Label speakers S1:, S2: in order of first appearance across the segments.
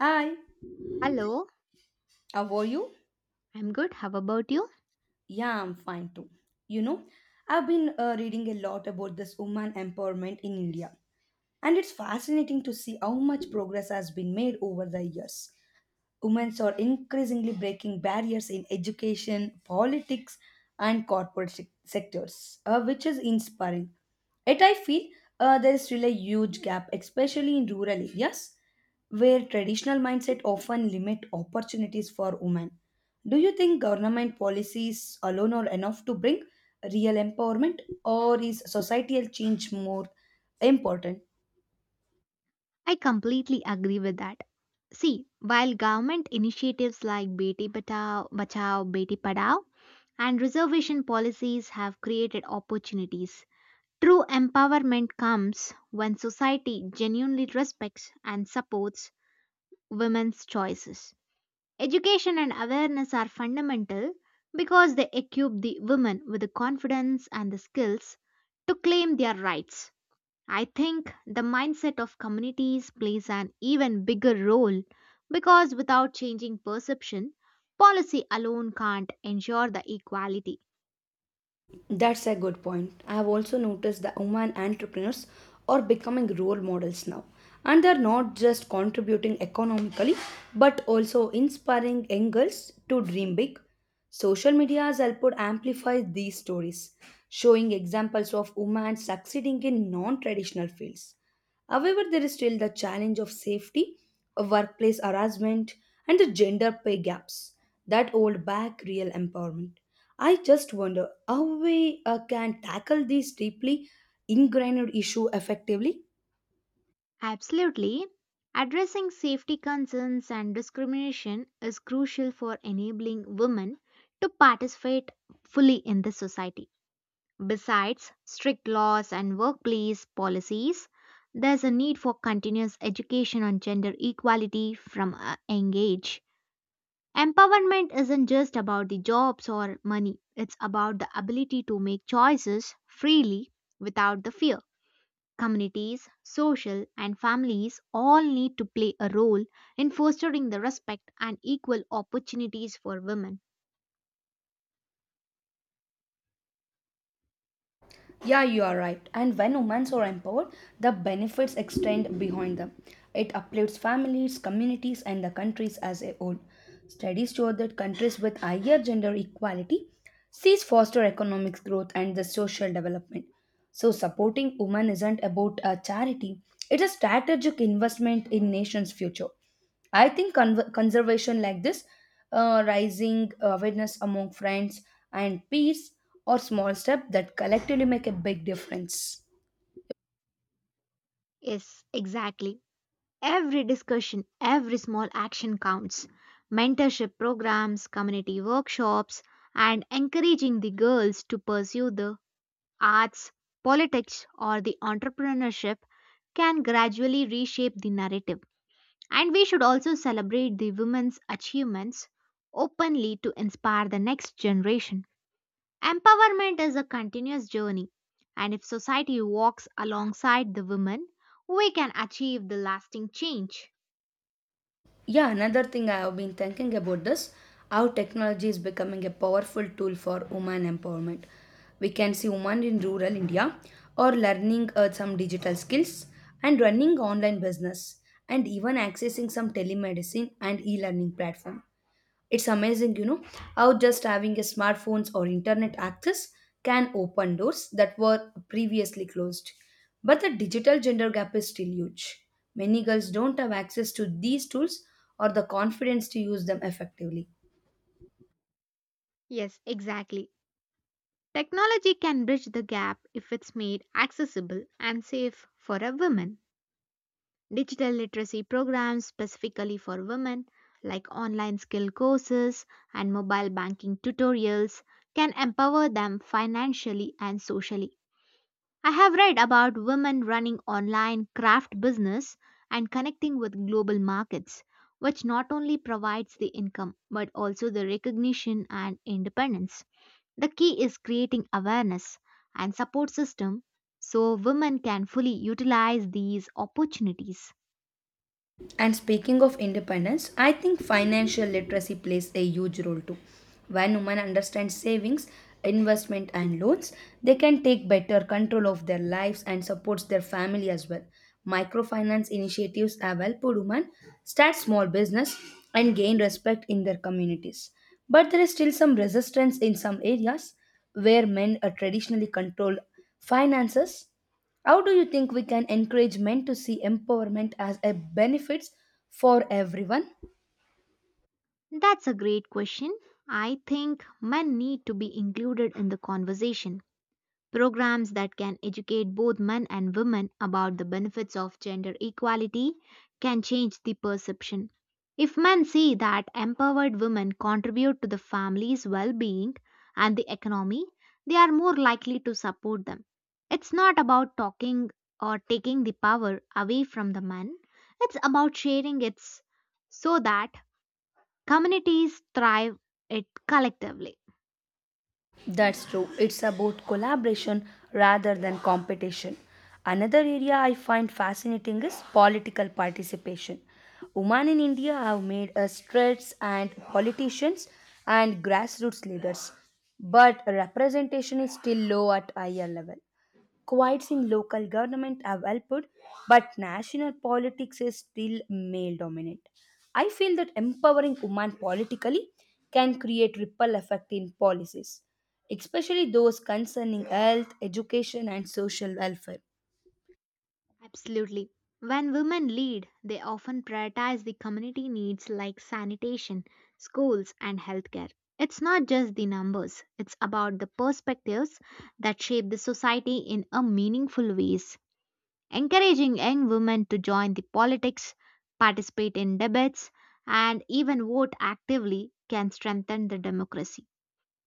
S1: Hi,
S2: Hello,
S1: how are you?
S2: I'm good. How about you?
S1: Yeah, I'm fine too. You know, I've been reading a lot about this woman empowerment in India, and it's fascinating to see how much progress has been made over the years. Women are increasingly breaking barriers in education, politics, and sectors, which is inspiring. Yet, I feel there is still a huge gap, especially in rural areas where traditional mindset often limit opportunities for women. Do you think government policies alone are enough to bring real empowerment, or is societal change more important?
S2: I completely agree with that. See, while government initiatives like Beti Bachao, Bachao Beti Padao and reservation policies have created opportunities, true empowerment comes when society genuinely respects and supports women's choices. Education and awareness are fundamental because they equip the women with the confidence and the skills to claim their rights. I think the mindset of communities plays an even bigger role because without changing perception, policy alone can't ensure the equality.
S1: That's a good point. I have also noticed that women entrepreneurs are becoming role models now. And they're not just contributing economically, but also inspiring young girls to dream big. Social media has helped amplify these stories, showing examples of women succeeding in non traditional fields. However, there is still the challenge of safety, of workplace harassment, and the gender pay gaps that hold back real empowerment. I just wonder how we can tackle this deeply ingrained issue effectively.
S2: Absolutely. Addressing safety concerns and discrimination is crucial for enabling women to participate fully in the society. Besides strict laws and workplace policies, there's a need for continuous education on gender equality from a young age. Empowerment isn't just about the jobs or money, it's about the ability to make choices freely without the fear. Communities, social, and families all need to play a role in fostering the respect and equal opportunities for women.
S1: Yeah, you are right. And when women are empowered, the benefits extend behind them. It uplifts families, communities, and the countries as a whole. Studies show that countries with higher gender equality sees faster economic growth and the social development. So supporting women isn't about a charity; it's a strategic investment in nation's future. I think conservation like this, rising awareness among friends and peers, or small step that collectively make a big difference.
S2: Yes, exactly. Every discussion, every small action counts. Mentorship programs, community workshops, and encouraging the girls to pursue the arts, politics, or the entrepreneurship can gradually reshape the narrative. And we should also celebrate the women's achievements openly to inspire the next generation. Empowerment is a continuous journey, and if society walks alongside the women, we can achieve the lasting change.
S1: Yeah, another thing I have been thinking about this how technology is becoming a powerful tool for woman empowerment. We can see women in rural India or learning some digital skills and running online business and even accessing some telemedicine and e-learning platform. It's amazing, you know, how just having a smartphones or internet access can open doors that were previously closed. But the digital gender gap is still huge. Many girls don't have access to these tools or the confidence to use them effectively.
S2: Yes, exactly. Technology can bridge the gap if it's made accessible and safe for a woman. Digital literacy programs specifically for women, like online skill courses and mobile banking tutorials, can empower them financially and socially. I have read about women running online craft business and connecting with global markets, which not only provides the income but also the recognition and independence. The key is creating awareness and support system so women can fully utilize these opportunities.
S1: And speaking of independence, I think financial literacy plays a huge role too. When women understand savings, investment and loans, they can take better control of their lives and supports their family as well. Microfinance initiatives have helped women start small business and gain respect in their communities. But there is still some resistance in some areas where men are traditionally controlled finances. How do you think we can encourage men to see empowerment as a benefits for everyone?
S2: That's a great question. I think men need to be included in the conversation. Programs that can educate both men and women about the benefits of gender equality can change the perception. If men see that empowered women contribute to the family's well being and the economy, they are more likely to support them. It's not about talking or taking the power away from the men, it's about sharing it so that communities thrive it collectively.
S1: That's true. It's about collaboration rather than competition. Another area I find fascinating is political participation. Women in India have made a strides and politicians and grassroots leaders, but representation is still low at higher level. Quotes in local government have helped, but national politics is still male dominant. I feel that empowering women politically can create ripple effect in policies especially those concerning health, education, and social welfare.
S2: Absolutely. When women lead, they often prioritize the community needs like sanitation, schools, and healthcare. It's not just the numbers, it's about the perspectives that shape the society in a meaningful ways. Encouraging young women to join the politics, participate in debates, and even vote actively can strengthen the democracy.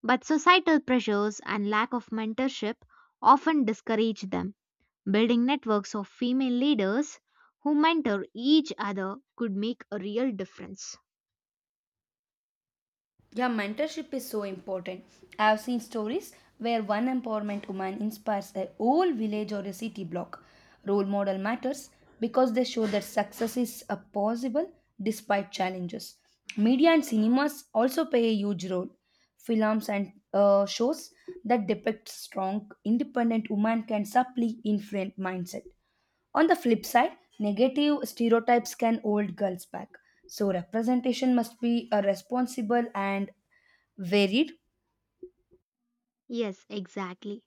S2: But societal pressures and lack of mentorship often discourage them. Building networks of female leaders who mentor each other could make a real difference.
S1: Yeah, mentorship is so important. I have seen stories where one empowerment woman inspires a whole village or a city block. Role model matters because they show that success is possible despite challenges. Media and cinemas also play a huge role. Films and shows that depict strong, independent women can subtly influence mindset. On the flip side, negative stereotypes can hold girls back. So representation must be a responsible and varied.
S2: Yes, exactly.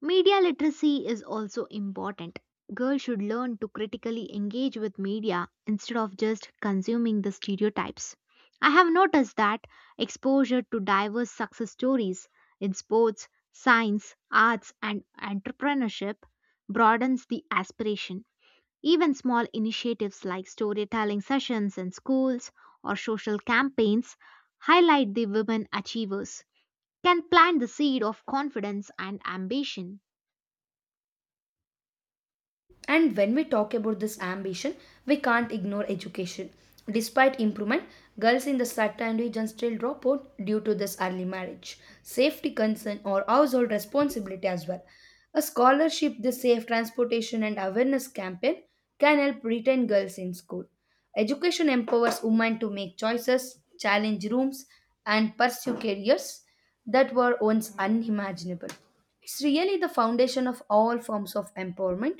S2: Media literacy is also important. Girls should learn to critically engage with media instead of just consuming the stereotypes. I have noticed that exposure to diverse success stories in sports, science, arts, and entrepreneurship broadens the aspiration. Even small initiatives like storytelling sessions in schools or social campaigns highlight the women achievers, can plant the seed of confidence and ambition.
S1: And when we talk about this ambition, we can't ignore education. Despite improvement, girls in the certain regions still drop out due to this early marriage, safety concern, or household responsibility as well. A scholarship, the safe transportation, and awareness campaign can help retain girls in school. Education empowers women to make choices, challenge rooms, and pursue careers that were once unimaginable. It's really the foundation of all forms of empowerment.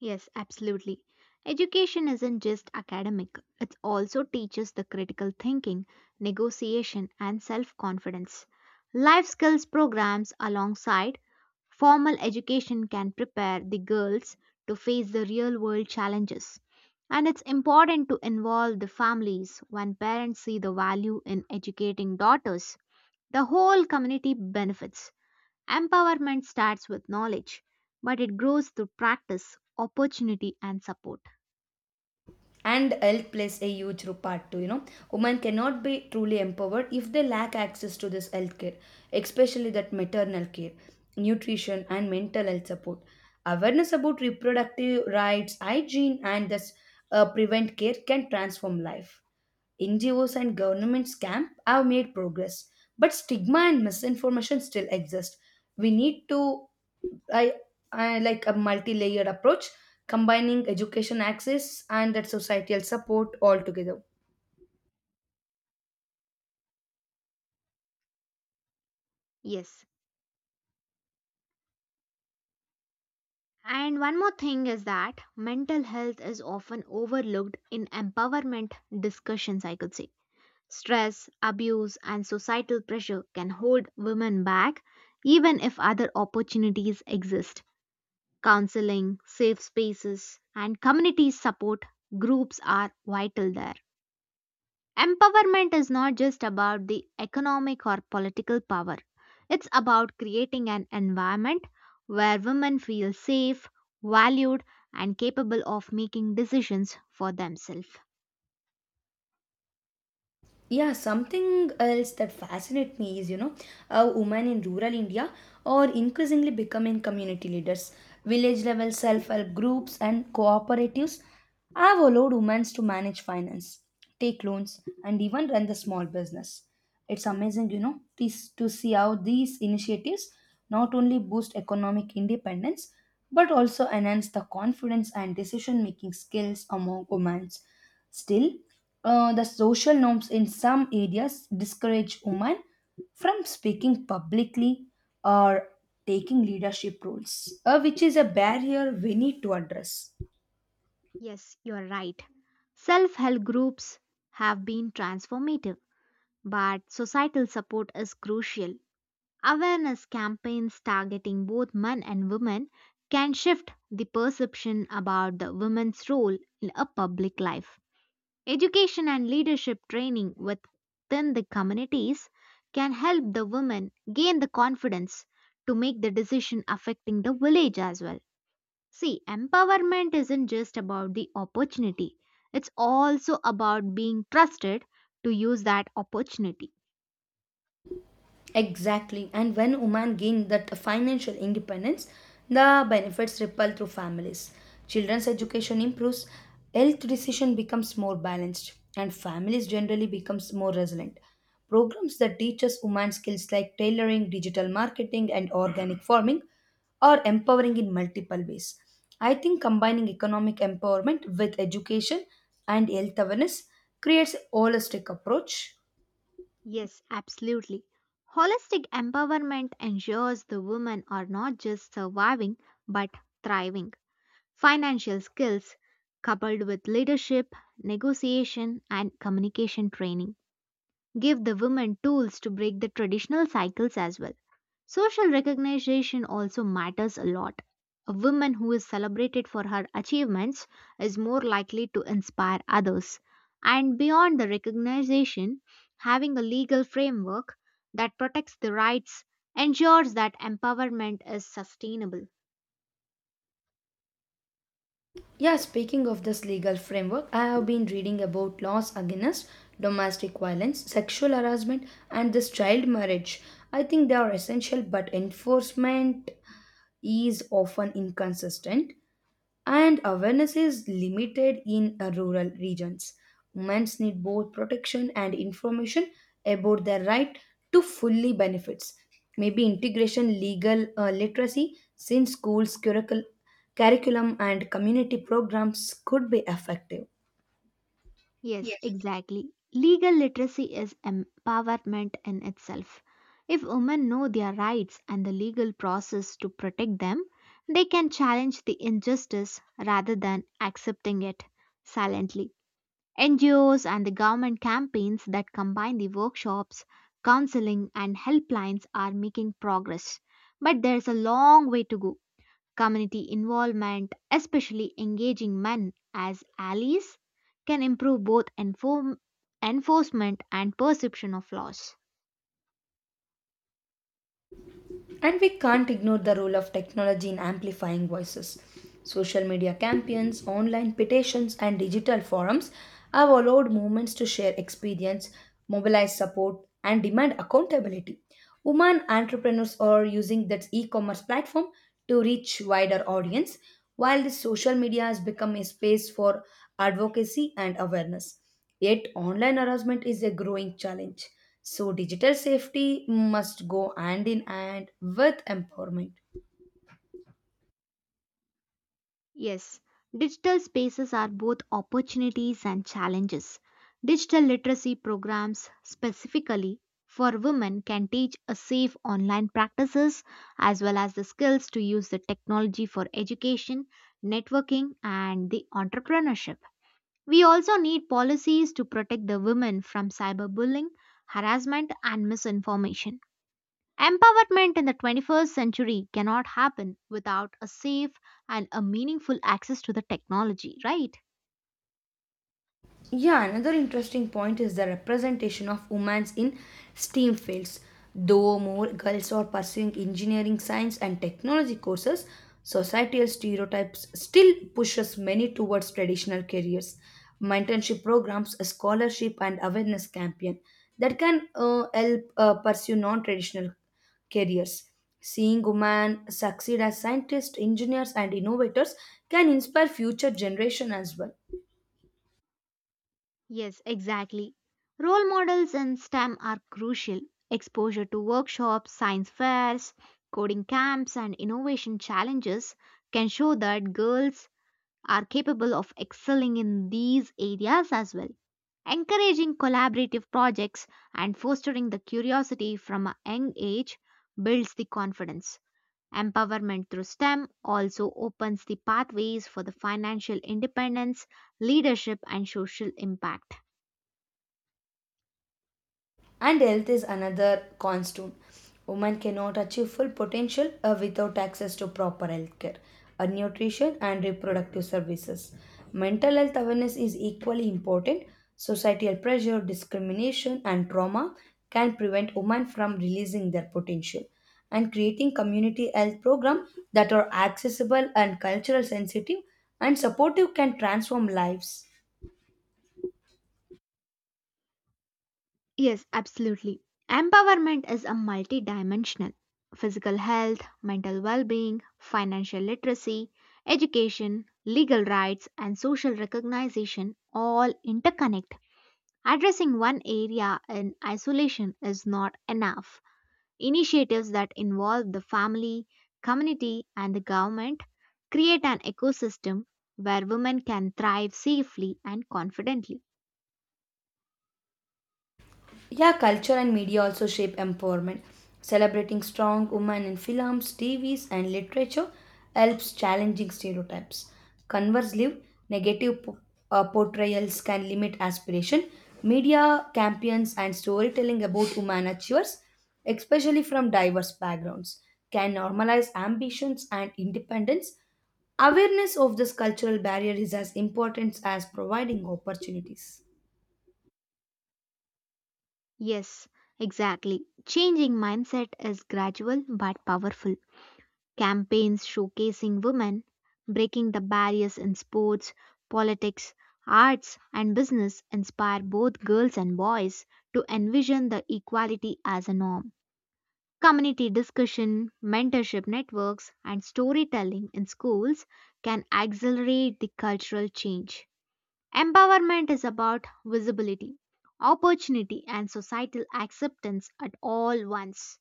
S2: Yes, absolutely. Education isn't just academic, it also teaches the critical thinking, negotiation, and self confidence. Life skills programs alongside formal education can prepare the girls to face the real world challenges. And it's important to involve the families when parents see the value in educating daughters. The whole community benefits. Empowerment starts with knowledge, but it grows through practice, opportunity, and support.
S1: And health plays a huge part too, you know, women cannot be truly empowered if they lack access to this health care, especially that maternal care, nutrition and mental health support. Awareness about reproductive rights, hygiene, and this prevent care can transform life. NGOs and governments camp have made progress, but stigma and misinformation still exist. We need to I, I like a multi-layered approach combining education access and that societal support all together.
S2: Yes. And one more thing is that mental health is often overlooked in empowerment discussions, I could say. Stress, abuse, and societal pressure can hold women back even if other opportunities exist. Counseling, safe spaces, and community support groups are vital there. Empowerment is not just about the economic or political power. It's about creating an environment where women feel safe, valued, and capable of making decisions for themselves.
S1: Yeah, something else that fascinates me is, you know, how women in rural India are increasingly becoming community leaders. Village level self-help groups and cooperatives have allowed women to manage finance, take loans and even run the small business. It's amazing, you know this, to see how these initiatives not only boost economic independence but also enhance the confidence and decision making skills among women. Still, the social norms in some areas discourage women from speaking publicly or taking leadership roles, which is a barrier we need to address.
S2: Yes, you're right. Self help groups have been transformative, but societal support is crucial. Awareness campaigns targeting both men and women can shift the perception about the women's role in a public life. Education and leadership training within the communities can help the women gain the confidence to make the decision affecting the village as well. See, empowerment isn't just about the opportunity, it's also about being trusted to use that opportunity.
S1: Exactly. And when women gain that financial independence, the benefits ripple through families. Children's education improves, health decision becomes more balanced, and families generally becomes more resilient. Programs that teaches women skills like tailoring, digital marketing, and organic farming are empowering in multiple ways. I think combining economic empowerment with education and health awareness creates a holistic approach.
S2: Yes, absolutely. Holistic empowerment ensures the women are not just surviving but thriving. Financial skills coupled with leadership, negotiation, and communication training give the women tools to break the traditional cycles as well. Social recognition also matters a lot. A woman who is celebrated for her achievements is more likely to inspire others. And beyond the recognition, having a legal framework that protects the rights ensures that empowerment is sustainable.
S1: Yeah, speaking of this legal framework, I have been reading about laws against domestic violence, sexual harassment, and this child marriage. I think they are essential, but enforcement is often inconsistent and awareness is limited in rural regions. Women need both protection and information about their right to fully benefits. Maybe integration, legal literacy, since schools, curriculum, and community programs could be effective.
S2: Yes, exactly. Legal literacy is empowerment in itself. If women know their rights and the legal process to protect them, they can challenge the injustice rather than accepting it silently. NGOs and the government campaigns that combine the workshops, counseling, and helplines are making progress. But there's a long way to go. Community involvement, especially engaging men as allies, can improve both enforcement and perception of laws.
S1: And we can't ignore the role of technology in amplifying voices. Social media campaigns, online petitions, and digital forums have allowed movements to share experience, mobilize support, and demand accountability. Women entrepreneurs are using that e-commerce platform to reach wider audience, while the social media has become a space for advocacy and awareness. Yet, online harassment is a growing challenge. So, digital safety must go hand in hand with empowerment.
S2: Yes, digital spaces are both opportunities and challenges. Digital literacy programs, specifically for women, can teach a safe online practices as well as the skills to use the technology for education, networking, and the entrepreneurship. We also need policies to protect the women from cyberbullying, harassment, and misinformation. Empowerment in the 21st century cannot happen without a safe and a meaningful access to the technology, right?
S1: Yeah, another interesting point is the representation of women in STEAM fields. Though more girls are pursuing engineering, science, and technology courses, societal stereotypes still pushes many towards traditional careers. Mentorship programs, scholarship, and awareness campaign that can help pursue non-traditional careers. Seeing women succeed as scientists, engineers, and innovators can inspire future generation as well.
S2: Yes, exactly. Role models in STEM are crucial. Exposure to workshops, science fairs, coding camps, and innovation challenges can show that girls are capable of excelling in these areas as well. Encouraging collaborative projects and fostering the curiosity from a young age builds the confidence. Empowerment through STEM also opens the pathways for the financial independence, leadership, and social impact.
S1: And health is another constant. Women cannot achieve full potential without access to proper health care, nutrition, and reproductive services. Mental health awareness is equally important. Societal pressure, discrimination, and trauma can prevent women from releasing their potential. And creating community health programs that are accessible and cultural sensitive and supportive can transform lives.
S2: Yes, absolutely. Empowerment is a multidimensional physical health, mental well being, financial literacy, education, legal rights, and social recognition all interconnect. Addressing one area in isolation is not enough. Initiatives that involve the family, community, and the government create an ecosystem where women can thrive safely and confidently.
S1: Yeah, culture and media also shape empowerment. Celebrating strong women in films, TVs, and literature helps challenging stereotypes. Conversely, negative portrayals can limit aspiration. Media campaigns and storytelling about women achievers, especially from diverse backgrounds, can normalize ambitions and independence. Awareness of this cultural barrier is as important as providing opportunities.
S2: Yes, exactly. Changing mindset is gradual but powerful. Campaigns showcasing women, breaking the barriers in sports, politics, arts, and business inspire both girls and boys to envision the equality as a norm. Community discussion, mentorship networks, and storytelling in schools can accelerate the cultural change. Empowerment is about visibility, opportunity, and societal acceptance at all once.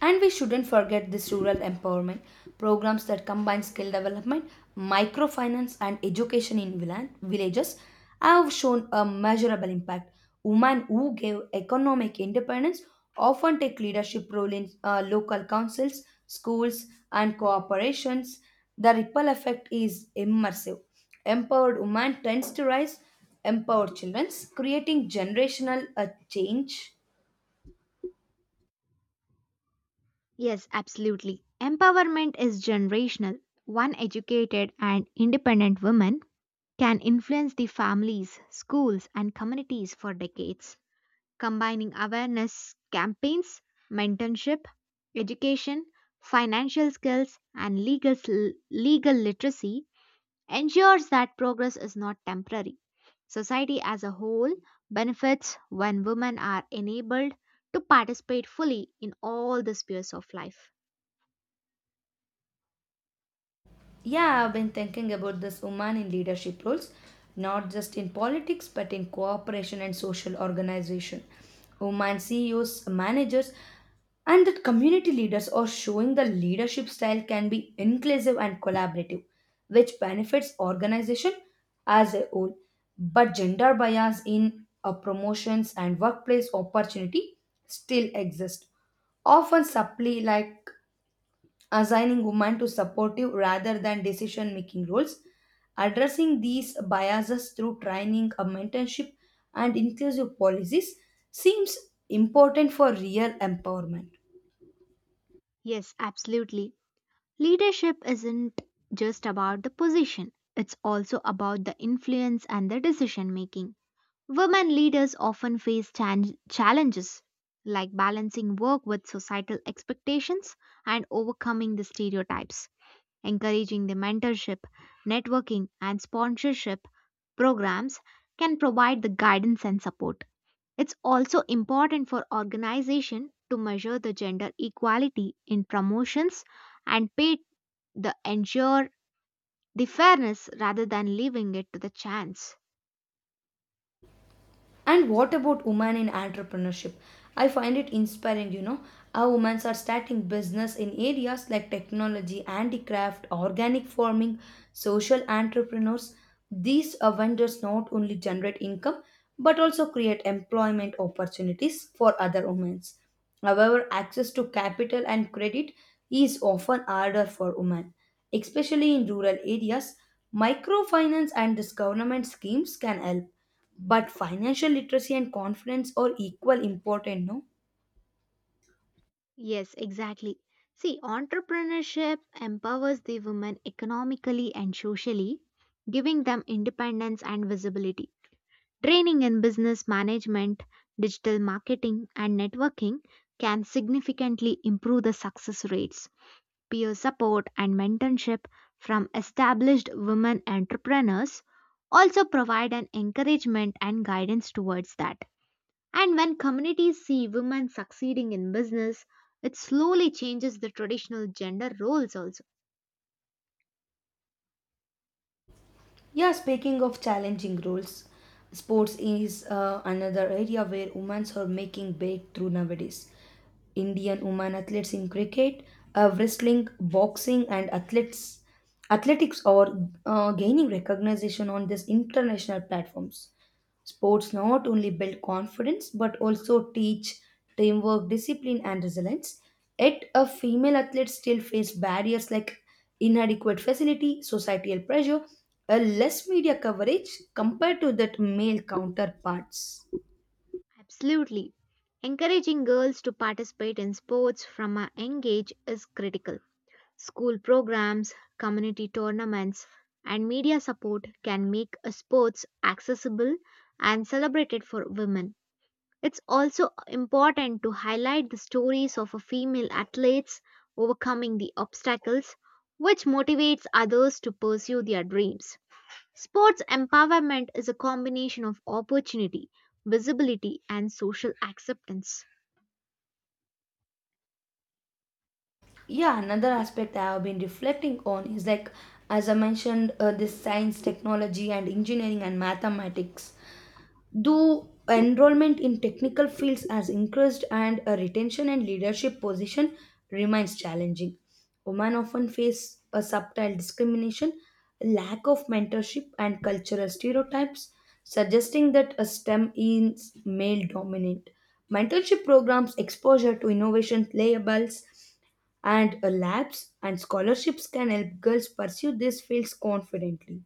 S1: And we shouldn't forget this rural empowerment programs that combine skill development, microfinance, and education in villages have shown a measurable impact. Women who gave economic independence often take leadership role in local councils, schools, and cooperations. The ripple effect is immersive. Empowered women tends to rise empowered children, creating generational change.
S2: Yes, absolutely. Empowerment is generational. One educated and independent woman can influence the families, schools, and communities for decades. Combining awareness campaigns, mentorship, education, financial skills, and legal literacy ensures that progress is not temporary. Society as a whole benefits when women are enabled to participate fully in all the spheres of life.
S1: Yeah, I've been thinking about this woman in leadership roles, not just in politics, but in cooperation and social organization. Women CEOs, managers, and that community leaders are showing the leadership style can be inclusive and collaborative, which benefits organization as a whole. But gender bias in promotions and workplace opportunity still exist often subtly like assigning women to supportive rather than decision making roles, addressing these biases through training, a mentorship, and inclusive policies seems important for real empowerment.
S2: Yes, absolutely. Leadership isn't just about the position, it's also about the influence and the decision making. Women leaders often face challenges like balancing work with societal expectations and overcoming the stereotypes. Encouraging the mentorship, networking, and sponsorship programs can provide the guidance and support. It's also important for organization to measure the gender equality in promotions and pay the ensure the fairness rather than leaving it to the chance.
S1: And what about women in entrepreneurship? I find it inspiring, you know, how women are starting business in areas like technology, handicraft, organic farming, social entrepreneurs. These vendors not only generate income but also create employment opportunities for other women. However, access to capital and credit is often harder for women, especially in rural areas. Microfinance and this government schemes can help, but financial literacy and confidence are equal important, no?
S2: Yes, exactly. See, entrepreneurship empowers the women economically and socially, giving them independence and visibility. Training in business management, digital marketing, and networking can significantly improve the success rates. Peer support and mentorship from established women entrepreneurs also provide an encouragement and guidance towards that. And when communities see women succeeding in business, it slowly changes the traditional gender roles also.
S1: Yeah, speaking of challenging roles, sports is another area where women are making breakthrough nowadays. Indian women athletes in cricket, wrestling, boxing, and athletes athletics are gaining recognition on these international platforms. Sports not only build confidence but also teach teamwork, discipline, and resilience. Yet, a female athlete still face barriers like inadequate facility, societal pressure, a less media coverage compared to that male counterparts.
S2: Absolutely. Encouraging girls to participate in sports from a young age is critical. School programs, community tournaments, and media support can make sports accessible and celebrated for women. It's also important to highlight the stories of female athletes overcoming the obstacles, which motivates others to pursue their dreams. Sports empowerment is a combination of opportunity, visibility, and social acceptance.
S1: Yeah, another aspect I have been reflecting on is like, as I mentioned, this science, technology, and engineering and mathematics. Though enrollment in technical fields has increased and a retention and leadership position remains challenging. Women often face a subtle discrimination, lack of mentorship, and cultural stereotypes, suggesting that a STEM is male dominant. Mentorship programs, exposure to innovation labels, and labs and scholarships can help girls pursue these fields confidently.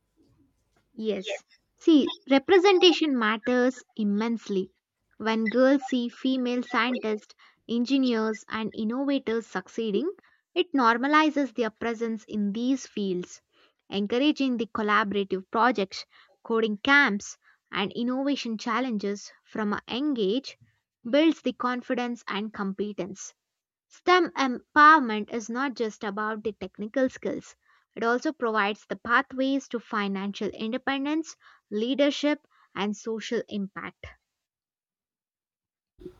S2: Yes. See, representation matters immensely. When girls see female scientists, engineers, and innovators succeeding, it normalizes their presence in these fields, encouraging the collaborative projects, coding camps, and innovation challenges from a young age builds the confidence and competence. STEM empowerment is not just about the technical skills, it also provides the pathways to financial independence, leadership, and social impact.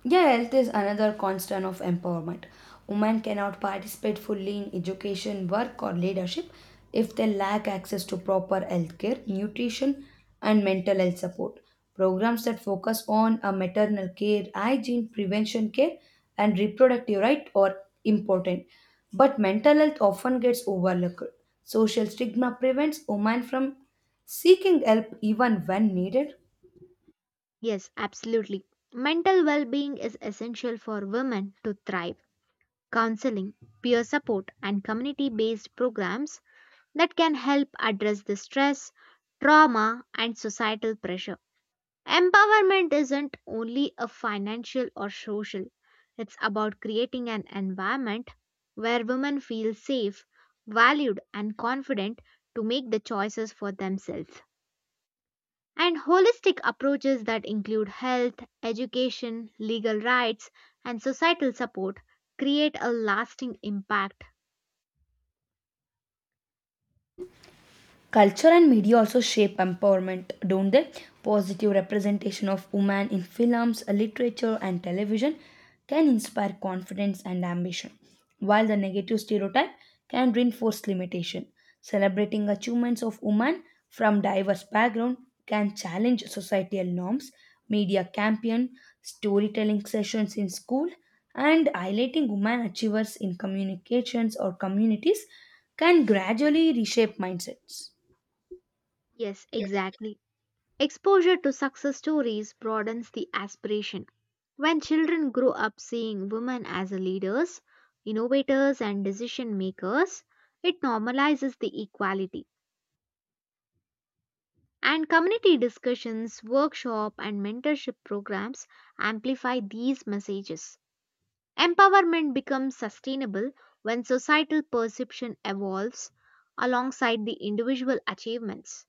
S1: Yeah, health is another constant of empowerment. Women cannot participate fully in education, work, or leadership if they lack access to proper health care, nutrition, and mental health support. Programs that focus on a maternal care, hygiene, prevention care, and reproductive right are important. But mental health often gets overlooked. Social stigma prevents women from seeking help even when needed.
S2: Yes, absolutely. Mental well being is essential for women to thrive. Counseling, peer support, and community based programs that can help address the stress, trauma, and societal pressure. Empowerment isn't only a financial or social, it's about creating an environment where women feel safe, valued, and confident to make the choices for themselves. And holistic approaches that include health, education, legal rights, and societal support create a lasting impact.
S1: Culture and media also shape empowerment, don't they? Positive representation of women in films, literature, and television can inspire confidence and ambition, while the negative stereotype can reinforce limitation. Celebrating achievements of women from diverse background can challenge societal norms. Media campaign, storytelling sessions in school, and highlighting women achievers in communications or communities can gradually reshape mindsets.
S2: Yes, exactly. Exposure to success stories broadens the aspiration. When children grow up seeing women as leaders, innovators, and decision makers, it normalizes the equality. And community discussions, workshop, and mentorship programs amplify these messages. Empowerment becomes sustainable when societal perception evolves alongside the individual achievements.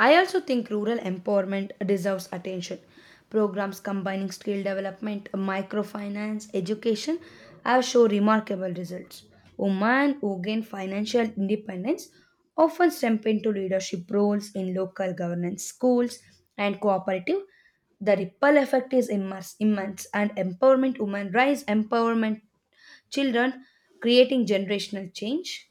S1: I also think rural empowerment deserves attention. Programs combining skill development, microfinance, education have shown remarkable results. Women who gain financial independence often step into leadership roles in local governance, schools, and cooperative. The ripple effect is immense, immense and empowerment women rise, empowerment children, creating generational change.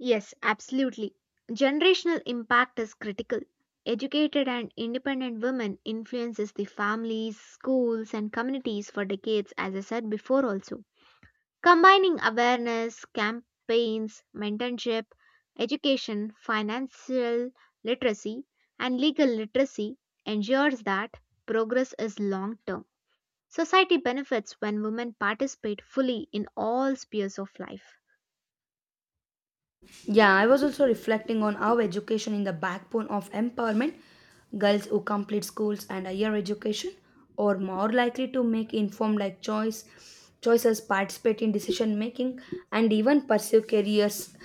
S2: Yes, absolutely. Generational impact is critical. Educated and independent women influences the families, schools and communities for decades, as I said before also. Combining awareness, campaigns, mentorship, education, financial literacy and legal literacy ensures that progress is long term. Society benefits when women participate fully in all spheres of life.
S1: Yeah, I was also reflecting on how education in the backbone of empowerment. Girls who complete schools and higher education are more likely to make informed choices, participate in decision making, and even pursue careers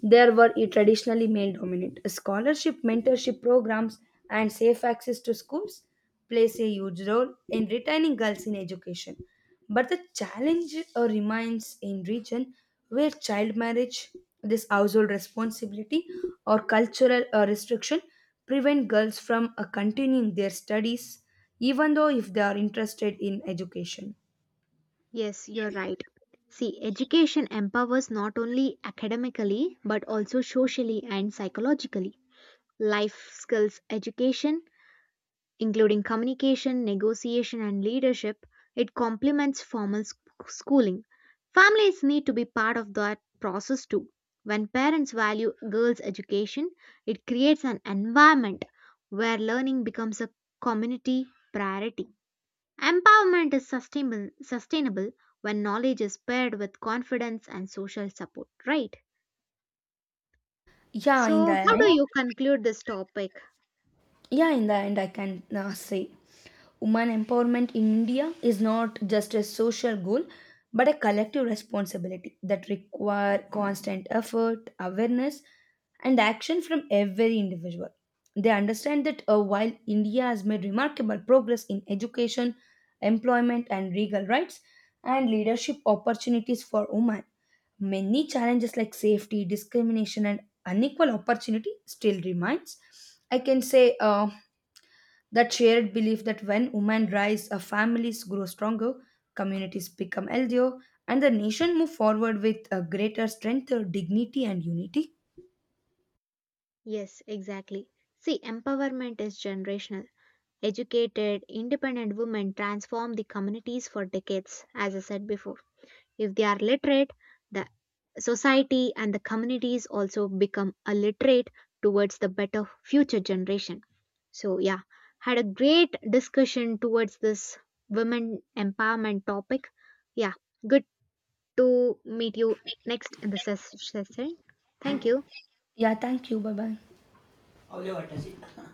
S1: there were a traditionally male dominant. Scholarship, mentorship programs, and safe access to schools plays a huge role in retaining girls in education. But the challenge remains in region where child marriage, this household responsibility, or cultural restriction prevent girls from continuing their studies, even though if they are interested in education.
S2: Yes, you're right. See, education empowers not only academically but also socially and psychologically. Life skills education, including communication, negotiation, and leadership, it complements formal schooling. Families need to be part of that process too. When parents value girls' education, it creates an environment where learning becomes a community priority. Empowerment is sustainable when knowledge is paired with confidence and social support, right?
S1: Yeah, in
S2: So,
S1: the So
S2: how
S1: end,
S2: do you conclude this topic?
S1: yeah, in the end I can say woman empowerment in India is not just a social goal but a collective responsibility that require constant effort, awareness and action from every individual. They understand that, while India has made remarkable progress in education, employment and legal rights and leadership opportunities for women, many challenges like safety, discrimination and unequal opportunity still remains. I can say that shared belief that when women rise, families grow stronger, communities become healthier, and the nation move forward with greater strength, dignity, and unity.
S2: Yes, exactly. See, empowerment is generational. Educated, independent women transform the communities for decades, as I said before. If they are literate, the society and the communities also become illiterate towards the better future generation. So yeah, had a great discussion towards this women empowerment topic. Yeah, good to meet you next in the session. Thank you.
S1: Yeah, thank you. Bye bye.